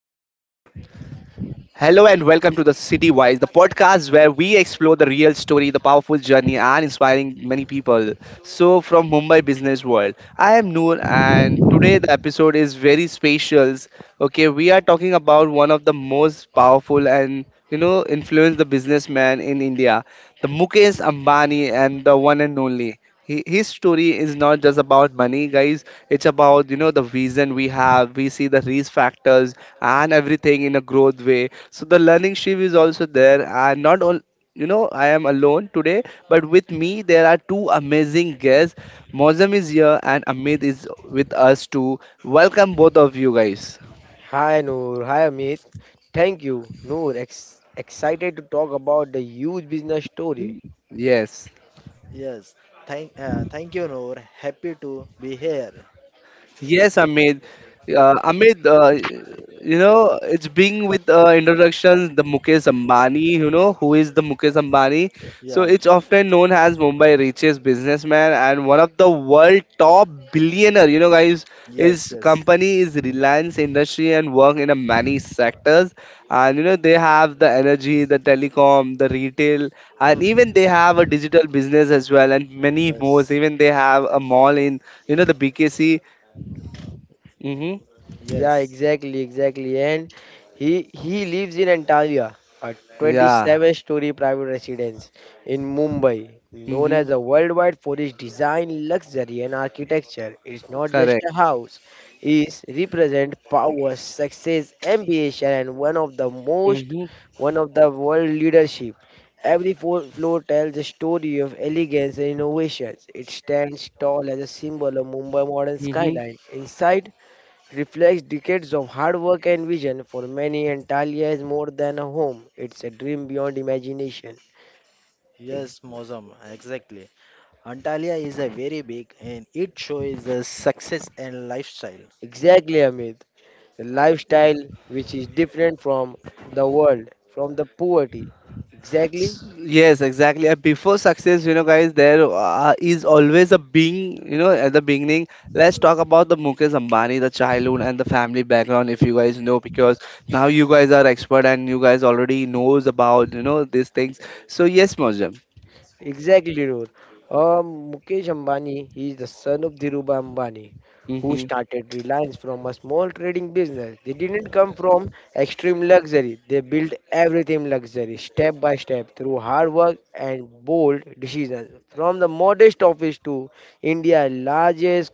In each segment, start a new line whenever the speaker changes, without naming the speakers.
and welcome to the City Wise, the podcast where we explore the real story, the powerful journey, and inspiring many people. So, from Mumbai business world, I am Noor, and today the episode is very special. Okay, we are talking about one of the most powerful and influence the businessman in India, the Mukesh Ambani, and the one and only. He, his story is not just about money, guys. It's about, the vision we have. We see the risk factors and everything in a growth way. So the learning shift is also there. And not all, I am alone today, but with me, there are two amazing guests. Mozam is here and Amit is with us too. Welcome both of you guys.
Hi Noor, hi Amit. Thank you, Noor. Excited to talk about the huge business story.
Yes.
Yes. Thank you, Noor. Happy to be here.
Yes, Amit. Amit, you know, it's being with introductions the Mukesh Ambani, you know, who is the Mukesh Ambani. So
Yeah, yeah.
it's often known as Mumbai richest businessman and one of the world top billionaire. You know, guys,
Yes.
his
Yes.
company is Reliance Industry and work in a many sectors. And you know, they have the energy, the telecom, the
Yeah.
retail, and
Hmm.
even they have a digital business as well, and many more.
Yes.
Even they have a mall in you know the BKC. Mm-hmm.
Yeah,
Yes.
exactly, exactly. And he lives in Antalya, a
Yeah.
27-story private residence in Mumbai, known
Mm-hmm.
as a worldwide for its design, luxury, and architecture. It's not just
Correct.
a house; it represents power, success, ambition, and
Mm-hmm.
one of the world leadership. Every floor tells a story of elegance and innovations. It stands tall as a symbol of Mumbai modern
Mm-hmm.
skyline. Inside reflects decades of hard work and vision. For many, Antalya is more than a home, it's a dream beyond imagination. Ex-
Yes, Mozam. Exactly. Antalya is a very big and it shows the success and lifestyle.
exactly, Amit. The lifestyle which is different from the world, from the poverty. Exactly.
Yes, exactly. And before success, you know, guys, there is always a being, you know, at the beginning. Let's talk about the Mukesh Ambani, the childhood and the family background, if you guys know, because now you guys are expert and you guys already knows about, you know, these things. So yes, Mojam.
Exactly, Dhirur. Mukesh Ambani, he is the son of Dhirubhai Ambani, who
Mm-hmm.
started Reliance from a small trading business. They didn't come from extreme luxury. They built everything luxury, step by step, through hard work and bold decisions. From the modest office to India's largest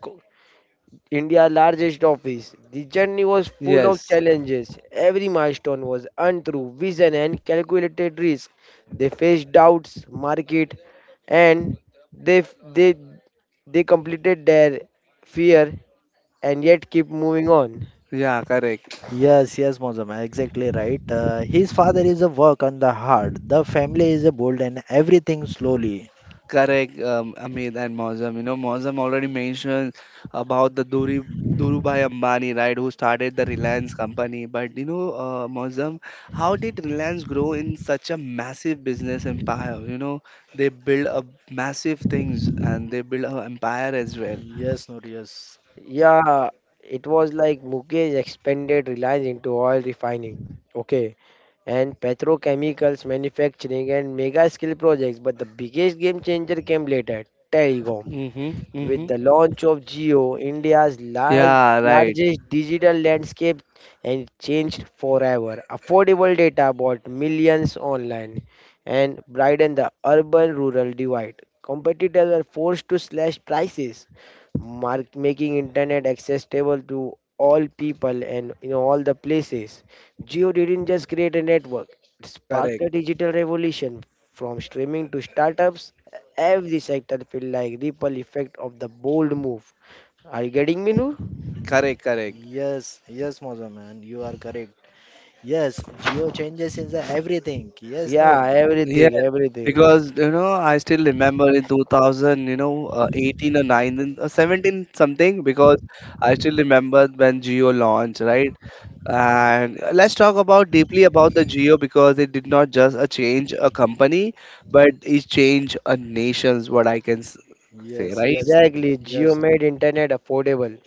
India's largest office. The journey was full of
Yes.
challenges. Every milestone was untrue vision and calculated risk. They faced doubts, market, and they they they completed their fear and yet keep moving on.
Yeah, correct.
Yes, yes, Mozam, exactly right. His father is a work on the heart. The family is a bold and everything slowly.
Correct, Amit and Mozam. You know, Mozam already mentioned about Dhirubhai Ambani, right, who started the Reliance company. But you know, Mozam, how did Reliance grow in such a massive business empire? You know, they build a massive things and they build an empire as well.
Yes, Noor, yes.
Yeah, it was like Mukesh expanded Reliance into oil refining. Okay, and petrochemicals manufacturing and mega skill projects, but the biggest game changer came later: telecom.
Mm-hmm,
With
mm-hmm.
the launch of Geo,
Yeah, right.
largest digital landscape and changed forever. Affordable data brought millions online and brightened the urban-rural divide. Competitors were forced to slash prices, making internet accessible to all people and in all the places. Geo didn't just create a network; it sparked
Correct,
a digital revolution. From streaming to startups, every sector felt like ripple effect of the bold move. Are you getting me, Noor?
Y-
correct, correct.
Yes, yes, Mozam, and you are correct. Yes, Geo changes in the everything. Yes, Noor.
Yeah,
Yes,
everything, everything.
because you know, I still remember in 2000, you know, 18 or 19 or 17 something, because I still remember when Geo launched, right? And let's talk about deeply about the Geo because it did not just a change a company, but it changed a nation's what I can s- say,
Yes,
right?
yes, Noor.
Exactly. Geo
Yes,
made internet affordable.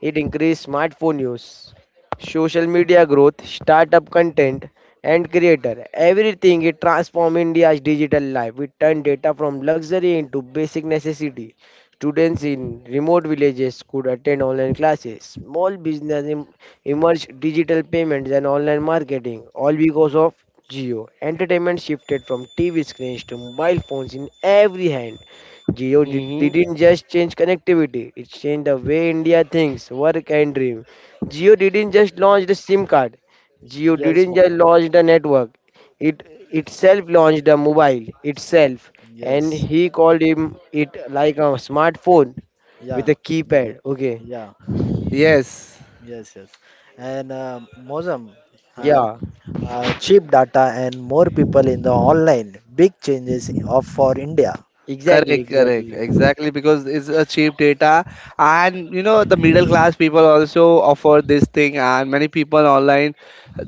It increased smartphone use, social media growth, startup content, and creator. Everything it transformed India's digital life. It turned data from luxury into basic necessity. Students in remote villages could attend online classes. Small business emerged digital payments and online marketing, all because of Geo. Entertainment shifted from TV screens to mobile phones in every hand. Geo
Mm-hmm.
didn't just change connectivity, it changed the way India thinks, work and dream. Geo didn't just launch the SIM card, Geo
yes,
didn't just
Mozam.
launch the network. It itself launched the mobile itself, and
Yes.
he called him it like a smartphone
Yeah,
with a
yeah,
keypad. Okay.
yeah.
Yes.
Yes, yes. And Mozam, and
Yeah,
cheap data and more people in the online, big changes of for India.
exactly,
Correct,
exactly.
correct, exactly because it's a cheap data, and you know the middle class people also offer this thing, and many people online.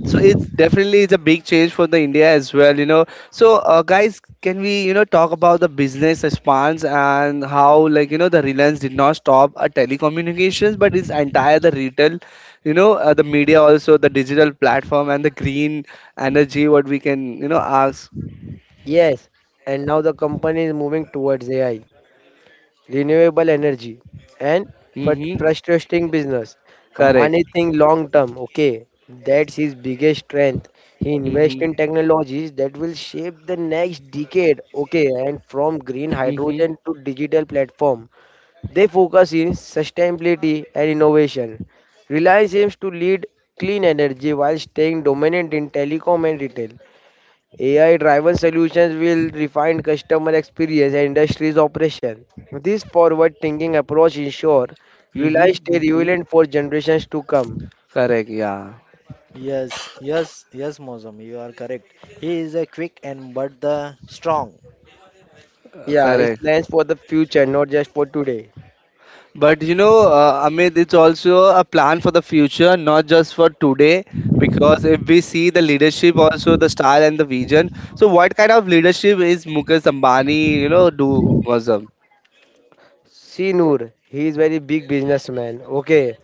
So it's definitely it's a big change for the India as well, you know. So guys, can we you know talk about the business response and how like you know the Reliance did not stop a telecommunications, but it's entire the retail, you know the media also the digital platform and the green energy what we can you know ask.
Yes. And now the company is moving towards AI, renewable energy, and
Mm-hmm.
frustrating business.
Correct.
Ambani think long term, okay? That's his biggest strength. He invests
Mm-hmm.
in technologies that will shape the next decade, okay? And from green
Mm-hmm.
hydrogen to digital platform, they focus in sustainability and innovation. Reliance aims to lead clean energy while staying dominant in telecom and retail. AI-driven solutions will refine customer experience and industry's operation. This forward-thinking approach ensure
Mhm,
Reliance stay
mhm.
relevant for generations to come.
Correct, yeah.
Yes, yes, yes, Mozam, you are correct. He is a quick and but the strong.
Yeah, it
Correct.
plans for the future, not just for today.
But you know, Amit, it's also a plan for the future, not just for today. Because if we see the leadership, also the style and the vision. So, what kind of leadership is Mukesh Ambani? You know, do was
See Noor, he is very big businessman. Okay,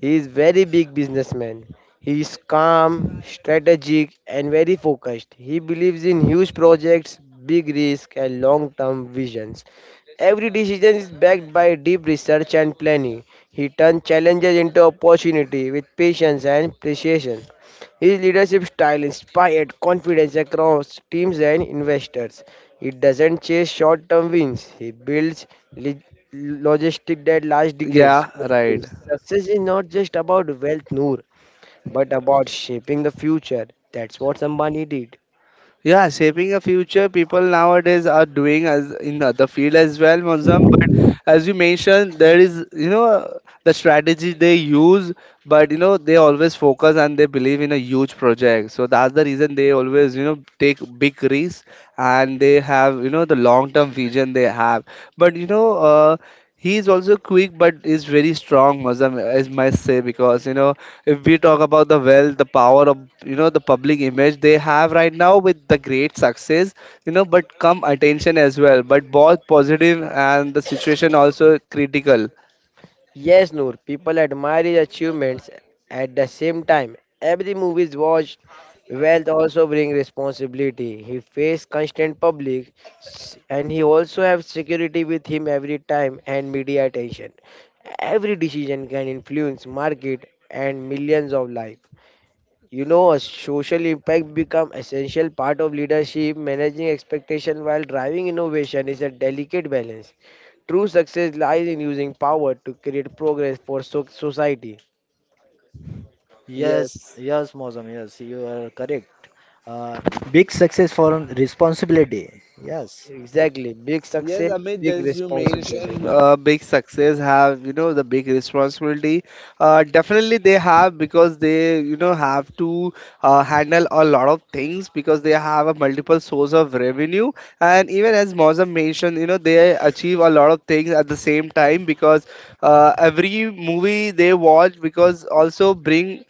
he is very big businessman. He is calm, strategic and very focused. He believes in huge projects, big risk and long-term visions. Every decision is backed by deep research and planning. He turns challenges into opportunity with patience and precision. His leadership style inspired confidence across teams and investors. He doesn't chase short-term wins. He builds li- logistic that last decades.
yeah, right.
Success is not just about wealth, Noor, but about shaping the future. That's what Ambani did.
Yeah, shaping a future, people nowadays are doing as in the field as well, Mozam. But as you mentioned, there is you know the strategy they use, but you know they always focus and they believe in a huge project. So that's the reason they always you know take big risks and they have you know the long term vision they have. But you know. He is also quick, but is very strong, Mazam, I must say, because you know if we talk about the wealth the power of you know the public image they have right now with the great success you know but come attention as well but both positive and the situation also critical.
Yes, Noor, people admire his achievements. At the same time, every movie is watched. Wealth also brings responsibility. He faces constant and he also has security with him every time and media attention. Every decision can influence market and millions of lives. You know, a social impact become essential part of leadership. Managing expectation while driving innovation is a delicate balance. True success lies in using power to create progress for society.
Yes,
Yes.
yes, Mozam, yes, you are correct. Uh, Big success for responsibility. Yes,
Exactly. Big
Yes,
success,
Amit,
big
as you
responsibility.
mentioned, big success have, you know, the big responsibility. Definitely they have because they, you know, have to handle a lot of things because they have a multiple source of revenue. And even as Mozam mentioned, you know, they achieve a lot of things at the same time because every movie they watch because also bring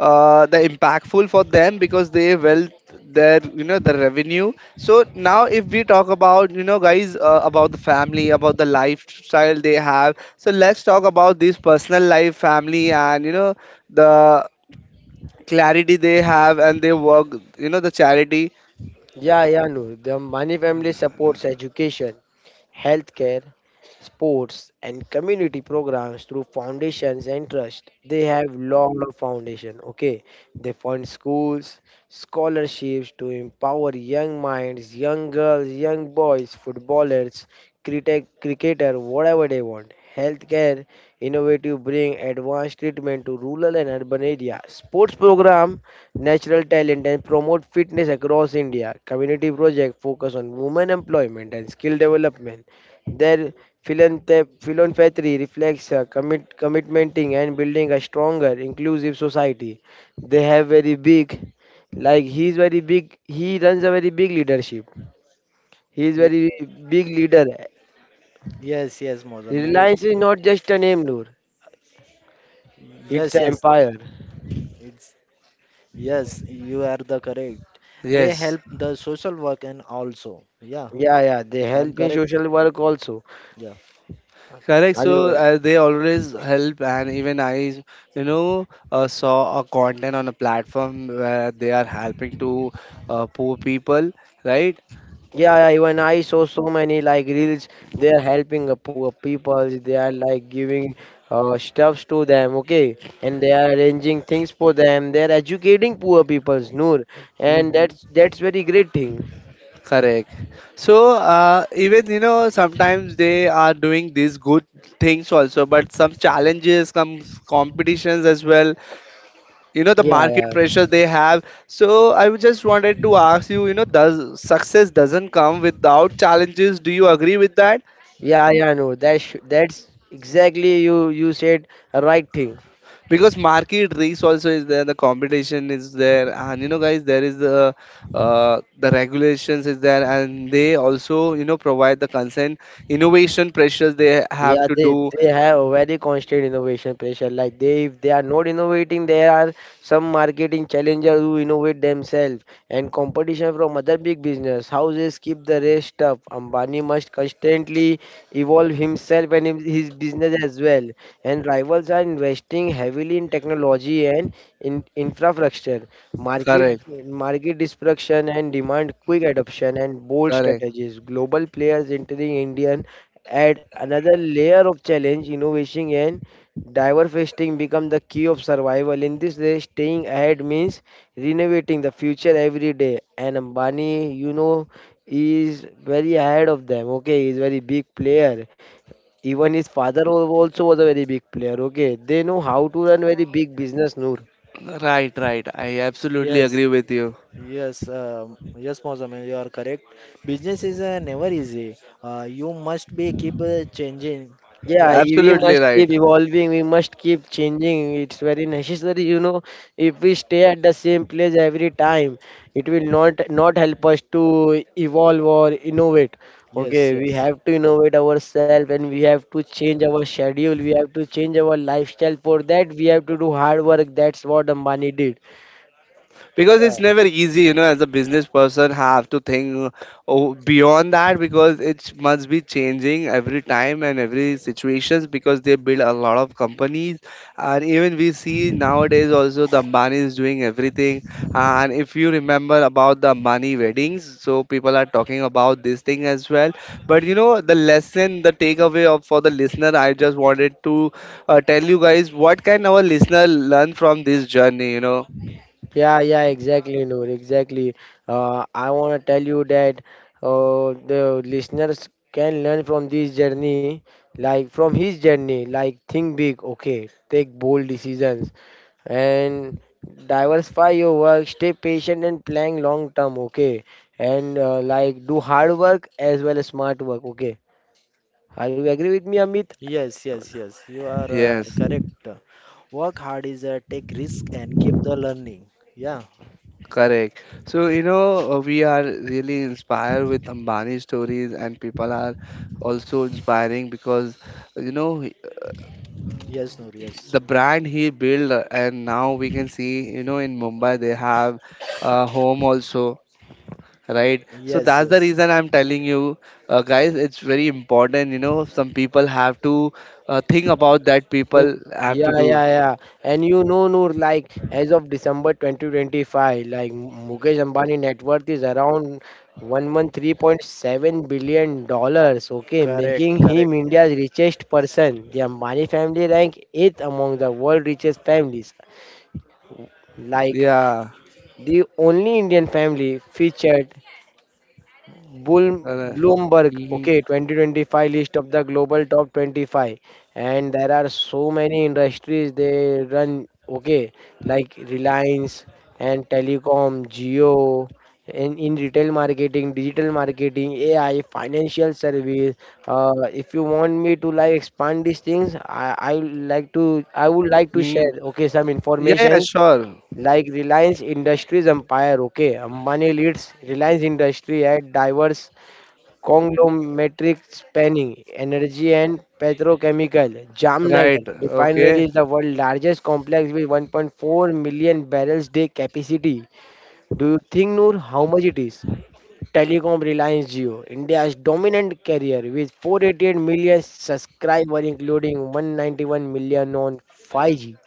the impactful for them because they wealth their you know the revenue so now if we talk about you know guys about the family about the lifestyle they have so let's talk about this personal life family and you know the clarity they have and they work you know the charity.
Yeah, yeah, Noor. The Mani family supports education, healthcare, sports, and community programs through foundations and trust. They have lot of foundation. Okay, they fund schools, scholarships to empower young minds, young girls, young boys, footballers, cricketer, whatever they want. Healthcare innovative bring advanced treatment to rural and urban area. Sports program natural talent and promote fitness across India. Community projects focus on women employment and skill development. Their philanthropy reflects a commitmenting and building a stronger, inclusive society. They have very big, like he is very big, he runs a very big leadership. He is
Y-
very big leader.
yes, yes, Mozam, you,
Reliance is not just a name, Noor. It's
yes,
an
yes,
empire.
it's, yes, you are the correct. They
Yes.
help the social work and also, yeah.
Yeah, yeah. They
I am
help in
correct.
social work also.
Yeah.
Correct.
Are
So
you?
they always help, and even I, you know, saw a content on a platform where they are helping to poor people, right?
Yeah, yeah, even I saw so many like reels. They are helping the poor people. They are like giving stuffs to them, okay? And they are arranging things for them. They are educating poor peoples, Noor, and that's
Mhm.
that's very great thing.
Correct. So even you know sometimes they are doing these good things also, but some challenges, some competitions as well. You know the
Yeah, yeah,
market pressure they have. So I would just wanted to ask you, you know, does success doesn't come without challenges? Do you agree with that?
yeah, yeah, Noor. That's exactly you said a right thing.
Because market race also is there the competition is there and you know guys there is the regulations is there and they also you know provide the consent innovation pressures they have
Yeah,
to
they
do.
they have a very constant innovation pressure. Like they if they are not innovating, there are some marketing challengers who innovate themselves and competition from other big business houses keep the race tough. Ambani must constantly evolve himself and his business as well. And rivals are investing heavily in technology and in infrastructure, market
Correct,
market disruption and demand quick adoption and bold
correct.
strategies. Global players entering Indian add another layer of challenge, innovation and diversifying become the key of survival. In this day, staying ahead means renovating the future every day. And Ambani, you know, is very ahead of them. Okay, he's very big player. Even his father also was a very big player. Okay, they know how to run very big business. Noor.
Right, right, I absolutely
Yes,
agree with you.
yes, yes, Mozamil, you are correct. Business is never easy. You must be keep changing.
Yeah,
Yeah,
we
Absolutely
must keep
right,
evolving, we must keep changing. It's very necessary, you know. If we stay at the same place every time, it will not help us to evolve or innovate. Okay,
yes,
we
yes.
have to innovate ourselves and we have to change our schedule, we have to change our lifestyle. For that, we have to do hard work. That's what Ambani did.
because
Yeah,
it's never easy you know as a business person have to think oh, beyond that because it must be changing every time and every situations because they build a lot of companies and even we see nowadays also the Ambani is doing everything and if you remember about the Ambani weddings so people are talking about this thing as well but you know the lesson the takeaway of for the listener I just wanted to tell you guys what can our listener learn from this journey you know.
Yeah, yeah, exactly, Noor, exactly. I want to tell you that the listeners can learn from this journey, like from his journey, like think big, okay, take bold decisions, and diversify your work, stay patient and plan long term, okay, and like do hard work as well as smart work, okay. Are you agree with me, Amit?
yes, yes, yes. You are
Yes.
correct. Work hard is take risk and keep the learning. Yeah,
Correct. So, you know, we are really inspired with Ambani stories, and people are also inspiring because, you know, uh,
yes, Noor, yes,
the brand he built, and now we can see, you know, in Mumbai they have a home also,
Y-
right? So
yes,
that's the
yes.
reason I'm telling you, guys, it's very important, you know, some people have to think about that,
Think,
people have to
yeah,
do.
yeah, yeah. And you know, Noor, like as of December 2025, like Mukesh Ambani net worth is around 113.7 billion dollars, okay,
Correct,
making
correct.
him India's richest person. The Ambani family rank eighth among the world richest families. Like
Yeah.
the only Indian family featured Bull,
Uh,
Bloomberg,
mhm,
okay, 2025 list of the global top 25, and there are so many industries they run, okay, like Reliance and telecom, Geo, in retail marketing, digital marketing, AI, financial service. If you want me to like expand these things, I would like to
mhm.
share, okay, some
Yeah, yeah,
information
sure.
like Reliance Industries empire. Okay, Ambani leads Reliance Industry at diverse conglomeratic spanning energy and petrochemical. Jamnagar
Right. Okay.
refinery is the world's largest complex with 1.4 million barrels day capacity. Do you think, Noor, how much it is? Telecom Reliance Geo, India's dominant carrier with 488 million subscribers, including 191 million on 5G.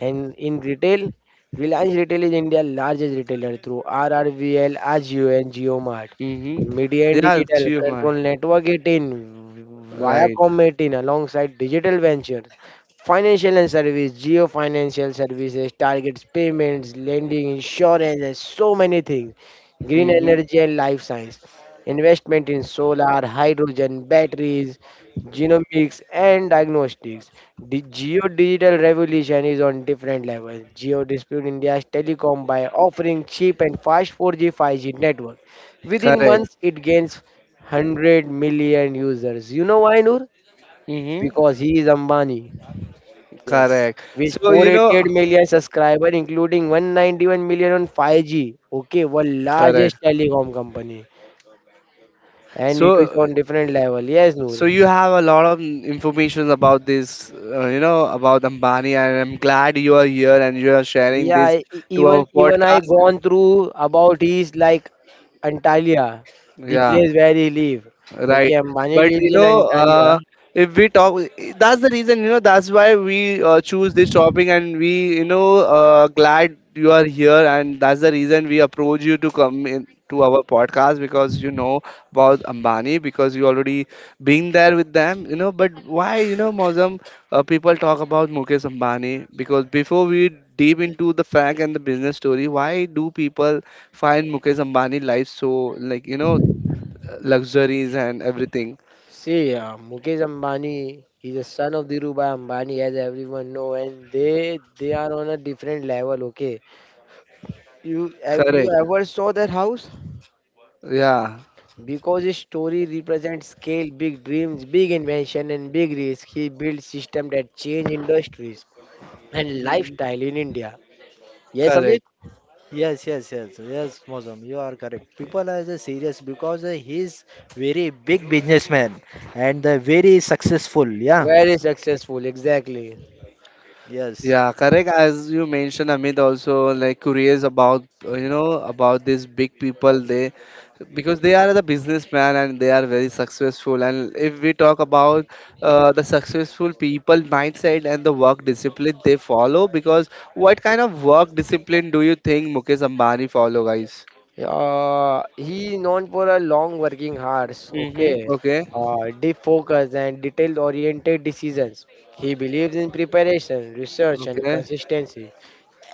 And in retail, Reliance Retail is India's largest retailer through RRVL, Ajio, and JioMart.
Mm-hmm.
Media and
Yeah,
Digital
human.
Control Network 18,
Right.
Viacom 18, alongside Digital Ventures, Financial and Service, Geo Financial Services, targets payments, lending, insurance, and so many things. Green
Mm-hmm.
energy and life science, investment in solar, hydrogen, batteries, genomics and diagnostics. The geo-digital revolution is on different levels. Geo dispute India's telecom by offering cheap and fast 4G 5G network. Within
Correct.
months, it gains 100 million users. You know why, Noor? Because
Mm-hmm.
he is Ambani.
Yes.
Correct.
With
So you know,
488 million subscribers, including 191 million on 5G. Okay, world
correct.
largest telecom company. And it is
So
on different level. Yes, Noor.
you have a lot of information about this, you know, about Ambani, and I'm glad you are here and you are sharing
Yeah,
this to our
even I
podcast.
gone through about his like Antalya, the
Yeah.
place where he live. Okay,
Right.
Ambani
But you
lives in
know,
Antalya.
if we talk, that's the reason, you know, that's why we choose this topic, and we, you know, glad you are here. And that's the reason we approach you to come in to our podcast because you know about Ambani because you already been there with them, you know. But why, you know, Mozam, people talk about Mukesh Ambani because before we deep into the fact and the business story, why do people find Mukesh Ambani life so like, you know, luxuries and everything.
See, Mukesh Ambani, is the son of Dhirubhai Ambani, as everyone know, and they are on a different level. Okay, you
Correct.
ever saw that house?
Yeah.
Because his story represents scale, big dreams, big invention, and big risk. He built system that change industries and
Mhm.
lifestyle in India. Yes, Amit.
Correct.
Yes, yes, yes, yes, Mosam, you are correct. People are just serious because he is very big businessman and very successful. Yeah.
Very successful, exactly.
Yes,
Yeah, correct. As you mentioned, Amit also like curious about you know about these big people. They because they are the businessman and they are very successful. And if we talk about the successful people mindset and the work discipline they follow, because what kind of work discipline do you think Mukesh Ambani follow, guys?
He known for a long working hours, okay,
Mm-hmm. Okay,
deep focus and detail-oriented decisions. He believes in preparation, research, and
okay,
consistency.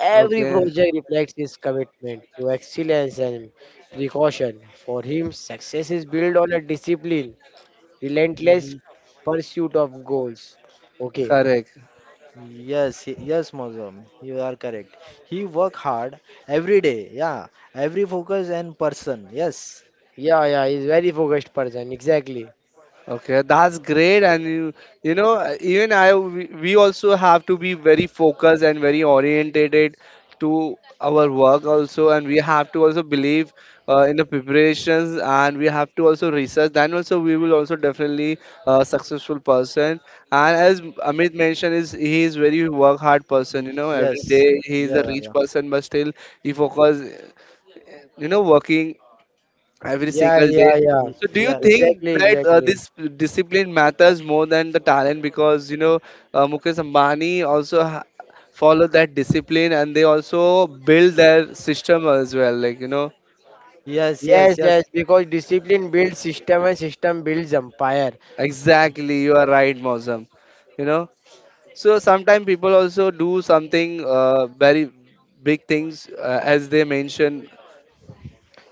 Every
okay.
project reflects his commitment to excellence and precaution. For him, success is built on a discipline, relentless
Hmm.
pursuit of goals. Okay,
Correct.
yes, yes, Mozam, you are correct. He work hard every day. Yeah, every focus and person. Yes,
yeah, yeah, he's very focused person, exactly.
Okay, that's great, and you know, even we also have to be very focused and very orientated to our work also, and we have to also believe in the preparations, and we have to also research. Then also we will also definitely a successful person. And as Amit mentioned, is he is very work hard
Y-
person. You know,
yes,
every day he is a
yeah,
rich
yeah,
person, but still he focus, you know, working every
Yeah,
single day.
yeah, yeah.
So, do you
Yeah, Noor.
think
Exactly,
that
exactly.
this discipline matters more than the talent? Because you know, Mukesh Ambani also follow that discipline, and they also build their system as well. Like you know,
Yes,
Yes,
yes,
yes,
yes,
because discipline builds system and system builds empire.
exactly, you are right, Mosam. You know, so sometimes people also do something very big things, as they mention.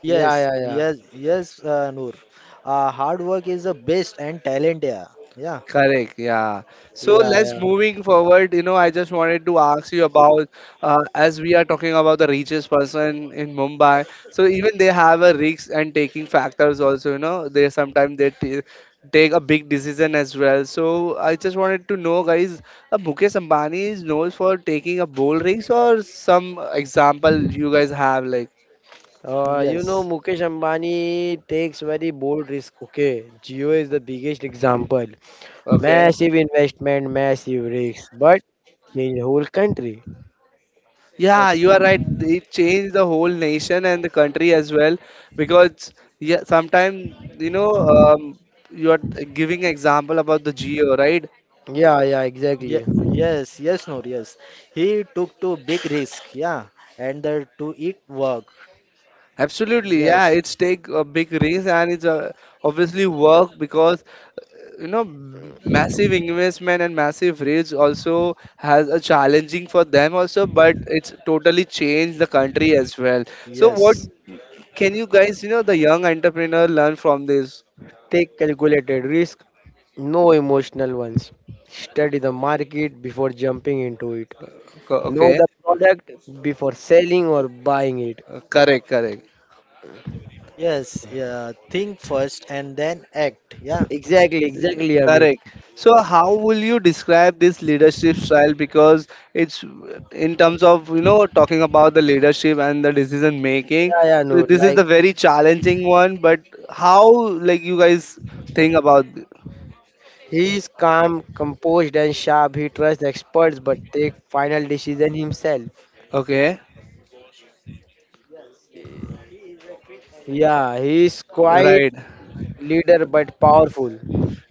Yeah,
yes,
yeah, yeah.
yes, yes, Noor. Hard work is the best and talent. Yeah, yeah,
Correct, yeah. So
Yeah,
let's
yeah.
moving forward. You know, I just wanted to ask you about as we are talking about the richest person in Mumbai. So even they have a risk and taking factors also. You know, they sometimes they t take a big decision as well. So I just wanted to know, guys, Mukesh Ambani is known for taking a bold risk or some example you guys have like,
yes,
Mukesh Ambani takes very bold risk. Okay, Jio is the biggest example.
okay?
Massive investment, massive risk, but change whole country.
Yeah, you
yes.
are right. It changed the whole nation and the country as well because yeah, sometimes you know you are giving example about the geo, right?
Yeah, yeah,
Ye
exactly.
Yes, yes, Noor, yes. He took to big risk, yeah, and the to it work.
Absolutely, yeah. It's
Yes,
take a big risk and it's obviously work because massive investment and massive risk also has a challenging for them also, but it's totally changed the country as well. So what
yes,
can you guys, the young entrepreneur learn from this?
Take calculated risk, no emotional ones. Study the market before jumping into it. Know
Okay.
the product before selling or buying it.
Correct, correct,
yes. Yeah, think first and then act. Yeah,
Exactly,
yeah,
exactly, Amit.
correct. So how will you describe this leadership style? Because it's in terms of talking about the leadership and the decision making.
Yeah, yeah, no,
So this is
like
the very challenging one. But how like you guys think about?
he is calm, composed, and sharp. He trusts experts but take final decision himself.
Okay,
Yeah, he is quiet
right.
leader but powerful.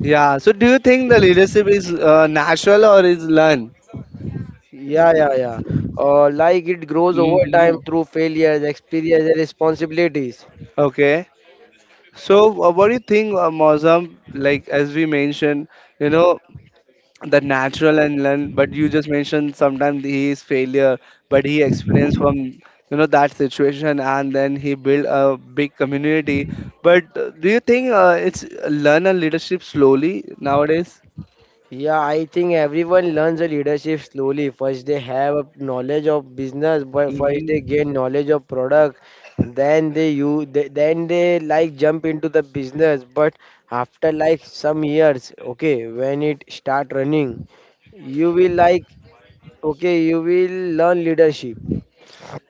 Yeah. So do you think the leadership is natural or is learned?
Yeah, yeah, yeah. Like it grows over time
Hmm.
through failures, experience, and responsibilities.
Okay. So what do you think, Mozam? Like as we mentioned, you know. the natural and learn, but you just mentioned sometimes he is failure but he experienced from that situation and then he built a big community, but do you think it's learn and leadership slowly nowadays.
Yeah, I think everyone learns a leadership slowly. First, they have a knowledge of business, but first they
Hmm.
gain knowledge of product. Then they like jump into the business. But after like some years, okay, when it start running, you will like okay, you will learn leadership.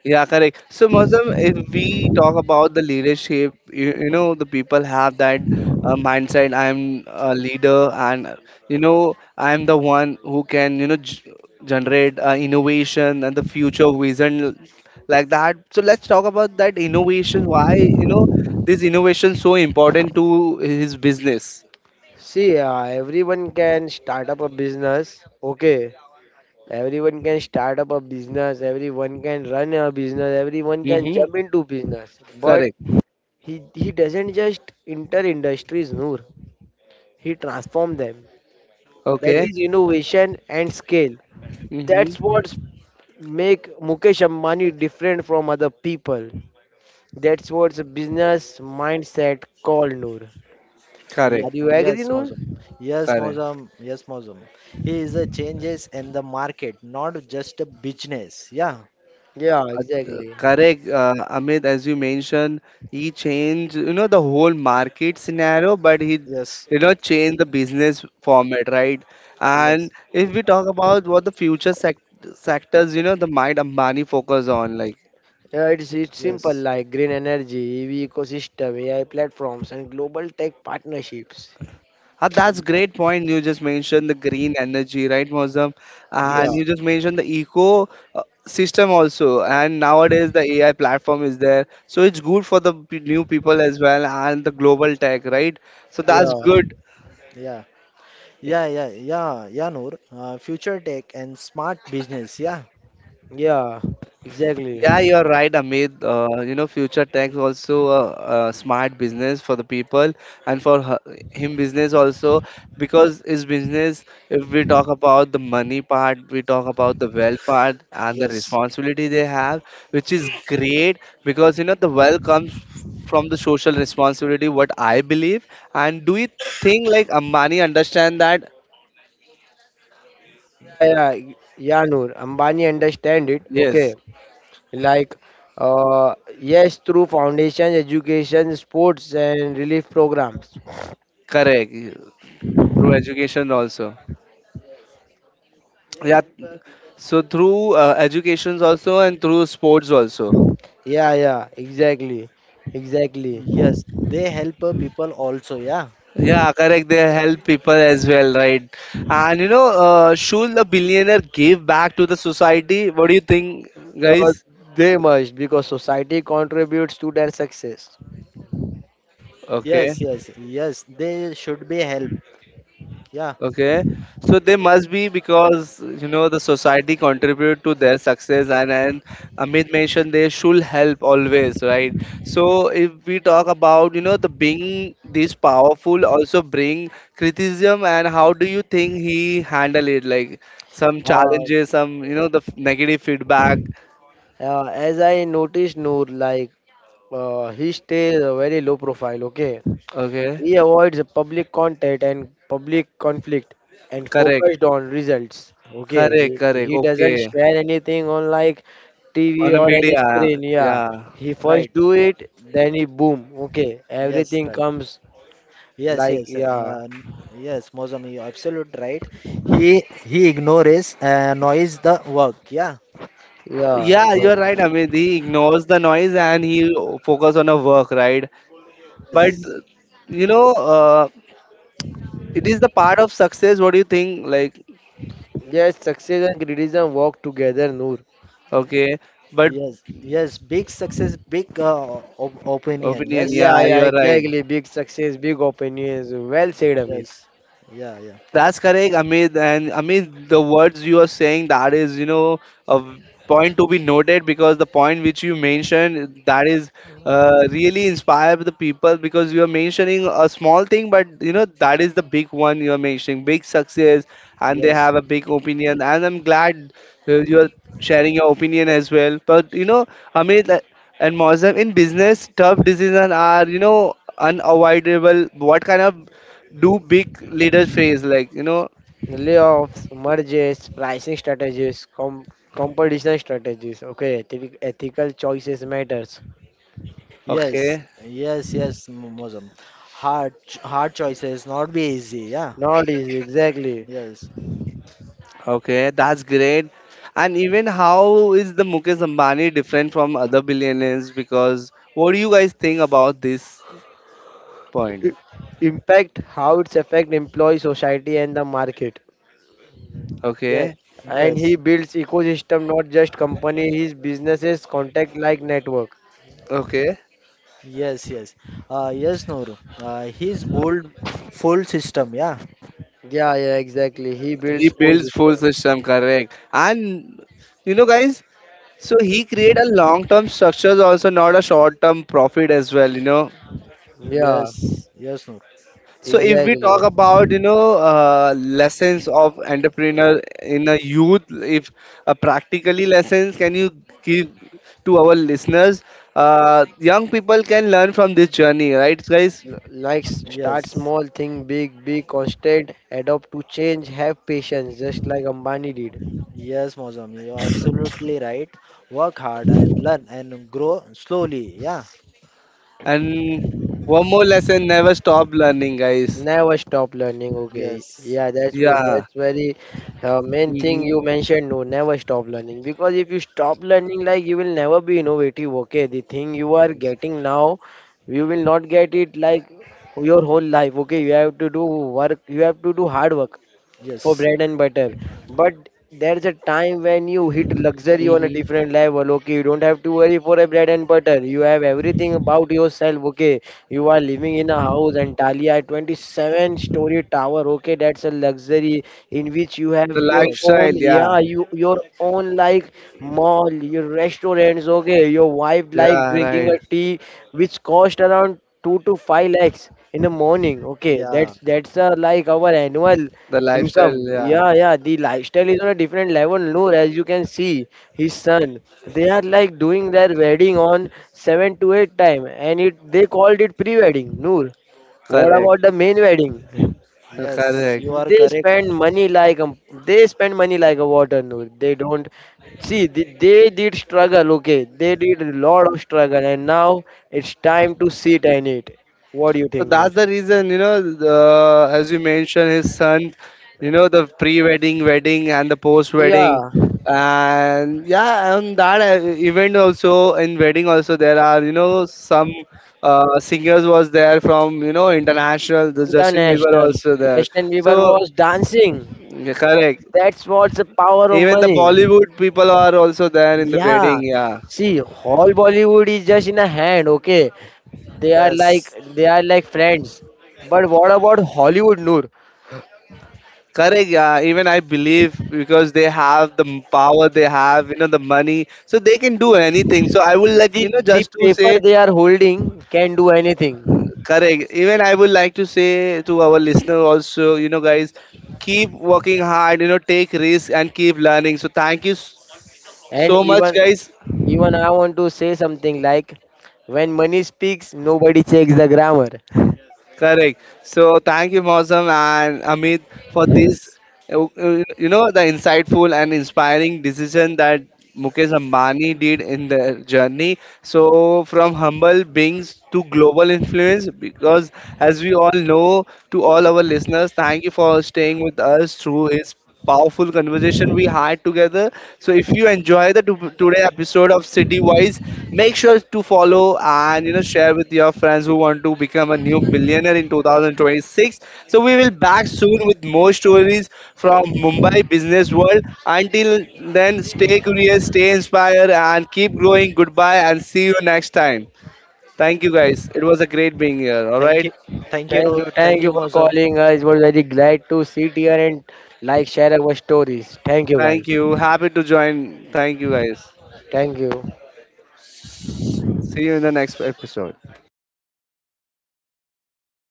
Yeah, correct. So, Muslim, if we talk about the leadership, you know, the people have that mindset. I'm a leader, and I'm the one who can, generate innovation and the future vision like that. So let's talk about that innovation. Why, this innovation so important to his business?
See, everyone can start up a business. Okay, everyone can start up a business. Everyone can run a business. Everyone can
Mm-hmm.
jump into business. But
Correct.
he doesn't just enter industries, Noor. He transforms them. That
yeah,
Okay.
is innovation and scale. That's what
Mm-hmm.
make Mukesh Ambani different from other people. That's what's a business mindset called Noor.
yeah,
Are
Correct.
you agree,
yes,
Noor?
Mozum. Yes,
Correct.
Mozum. Yes, Mozum. He is a changes in the market, not just a business. Yeah,
Yeah,
Uh,
exactly.
Correct, Amit, as you mentioned, he changed, the whole market scenario, but he
yes,
did not change the business format, right? And
yes,
if we talk about what the future sectors, the mind Ambani focus on, like.
Yeah, it's simple
yes,
like green energy, EV ecosystem, AI platforms, and global tech partnerships.
That's
y-
great point. You just mentioned the green energy, right, Mozam? And
Yeah,
yes,
you just mentioned the eco system also. And nowadays the AI platform is there, so it's good for the new people as well and the global tech, right? So that's
yes.
yeah,
good.
Yeah,
e-
yeah, yeah, yeah, yeah, Noor. Future tech and smart business. Yeah,
yeah, exactly.
Yeah, you are right, Amit. Future tech also a smart business for the people and for her, him business also, because his business, if we talk about the money part, we talk about the wealth part and the
yes,
responsibility they have, which is great, because the wealth comes from the social responsibility, what I believe. And do you think like Ambani understand that?
Yeah, yeah, y- yeah, Noor. Ambani understand it. Okay,
Yes,
like, yes, through foundation, education, sports, and relief programs.
correct. Through education also. Yeah, so through educations also and through sports also.
Yeah, yeah, exactly, exactly.
yes. They help people also. Yeah,
Yeah, correct, they help people as well, right? And should a billionaire give back to the society? What do you think,
Uh,
guys?
they must because society contributes to their success.
Okay.
yes, yes, yes. They should be help. Yeah,
Okay, so they must be, because the society contribute to their success, and Amit mentioned they should help always, right? So if we talk about the being this powerful also bring criticism, and how do you think he handle it? Like some
Uh,
challenges, some the negative feedback.
as I noticed, Noor, he stays a very low profile. Okay,
Okay,
he avoids the public content and public conflict and
correct,
focused on results. Okay,
correct,
he,
correct.
he doesn't
Okay,
share anything on like
on
TV
the
or any
media,
screen. Yeah,
yeah.
he first
right.
do it, then he boom. Okay,
Yes,
everything
right.
comes
Yes,
like
yes.
yeah,
Yes, Mozam, you absolute right. He ignores noise the work. Yeah.
yeah.
Yeah, you're
Uh,
Exactly.
right, Amit. He ignores the noise and he focus on a work, right? But
Yes,
you know, uh, it is the part of success. What do you think? Like,
Yes, success and criticism work together, Noor.
okay, but
yes, yes. Big success, big op opinion.
opinion.
Yes,
Yeah,
Yeah,
yeah,
you're right.
exactly. Big success, big opinions. Well said, Amit.
yes. Yeah, yeah.
That's correct, Amit. And Amit, the words you are saying, that is, a point to be noted, because the point which you mentioned, that is really inspire the people, because you are mentioning a small thing, but that is the big one you are mentioning: big success, and they
Yes,
have a big opinion. And I'm glad you are sharing your opinion as well. But you know, Amit and Mozam, in business, tough decisions are unavoidable. What kind of do big leader phase, like,
Layoffs, mergers, pricing strategies, competition strategies. Okay, ethical choices matters.
yes,
okay.
yes, yes, Mosam. Hard, hard choices not be easy. Yeah.
Not easy, exactly.
Yes.
Okay, that's great. And even how is the Mukesh Ambani different from other billionaires? Because what do you guys think about this point?
I- Impact how it's affect employee, society, and the market.
Yes.
Okay.
And he
Yes.
builds ecosystem, not just company. His businesses contact like network.
Okay,
Yes. Yes. Yes, Noor. He's bold, full system. Yeah.
Yeah, yeah, exactly. He
he
builds full
builds full
system.
system, correct. And you know, guys, so he create a long term structures also, not a short term profit as well, you know.
Yeah,
Yes. Yes, Noor.
So if we
exactly.
talk about lessons of entrepreneur in a youth, if practically lessons, can you give to our listeners? Young people can learn from this journey, right, guys?
Start
Yes.
small, think big, be constant, adapt to change, have patience, just like Ambani did.
Yes, Mosam. You're absolutely right. Work hard and learn and grow slowly. Yeah.
And one more lesson: never stop learning, guys.
Never stop learning. Okay,
Yes.
yeah,
Yeah.
that's very main thing
Hmm.
you mentioned. No, never stop learning because if you stop learning, like you will never be innovative. Okay, the thing you are
Yes.
getting now, you will not get it like your whole life. Okay, you have to do work. You have to do hard work for
Yes.
bread and butter. But there's a time when you hit luxury on a
Hmm.
different level. Okay, you don't have to worry for a bread and butter. You have everything about yourself. Okay, you are living in a house and Talia 27 story tower. Okay, that's a luxury in which you
The
have your
Yes.
own,
lifestyle, yeah,
yeah, you your own like mall, your restaurants. Okay, your wife like
yeah,
drinking
right.
a tea which cost around two to five lakhs in the morning. Okay,
Yeah.
that's like our annual.
The lifestyle,
Income,
yeah.
yeah, yeah. The lifestyle is on a different level. Noor, as you can see, his son, they are like doing their wedding on seven to eight time, and it they called it pre-wedding. Noor, what about
Correct,
the main wedding?
Yes.
correct.
You are
They
correct.
spend money like a, they spend money like a water. Noor, they don't see they did struggle. Okay, they did a lot of struggle, and now it's time to sit and eat. What do you
So
think, Noor?
that's the reason, you know, the, as you mentioned, his son, you know, the pre-wedding, wedding, and the
Yeah,
post-wedding, and yeah, on that event also, in wedding also, there are you know some singers was there from international. The Justin Bieber
international.
also there.
Justin Bieber
So
was dancing.
yeah, correct.
That's what's the power of
Even the
money.
Bollywood people are also there in the
Yeah.
wedding. Yeah.
See, whole Bollywood is just in a hand, okay? They are like
Yes.
they are like friends. But what about Hollywood, Noor?
Correct, yeah. Even I believe, because they have the power, they have the money, so they can do anything. So I would like
The the
just to
paper
say
they are holding can do anything.
correct. Even I would like to say to our listener also, you know, guys, keep working hard. You know, take risk and keep learning. So thank you
And
so much,
even
guys.
even I want to say something like when money speaks, nobody checks the grammar.
Correct. So thank you, Mosam and Amit, for this.
Yes.
You know, the insightful and inspiring decision that Mukesh Ambani did in their journey. So from humble beings to global influence, because as we all know, to all our listeners, thank you for staying with us through his powerful conversation we had together. So if you enjoy the today episode of City Wise, make sure to follow and you know share with your friends who want to become a new billionaire in 2026. So we will back soon with more stories from Mumbai business world. Until then, stay curious, stay inspired, and keep growing. Goodbye, and see you next time. Thank you, guys. It was a great being here. All
Thank you.
right.
Thank you, Noor.
Thank
Thank
you
you,
for
Mozam.
calling us. It was very glad to sit here and like share our stories. Thank you guys.
Thank you. Happy to join. Thank you, guys.
Thank you.
See you in the next episode.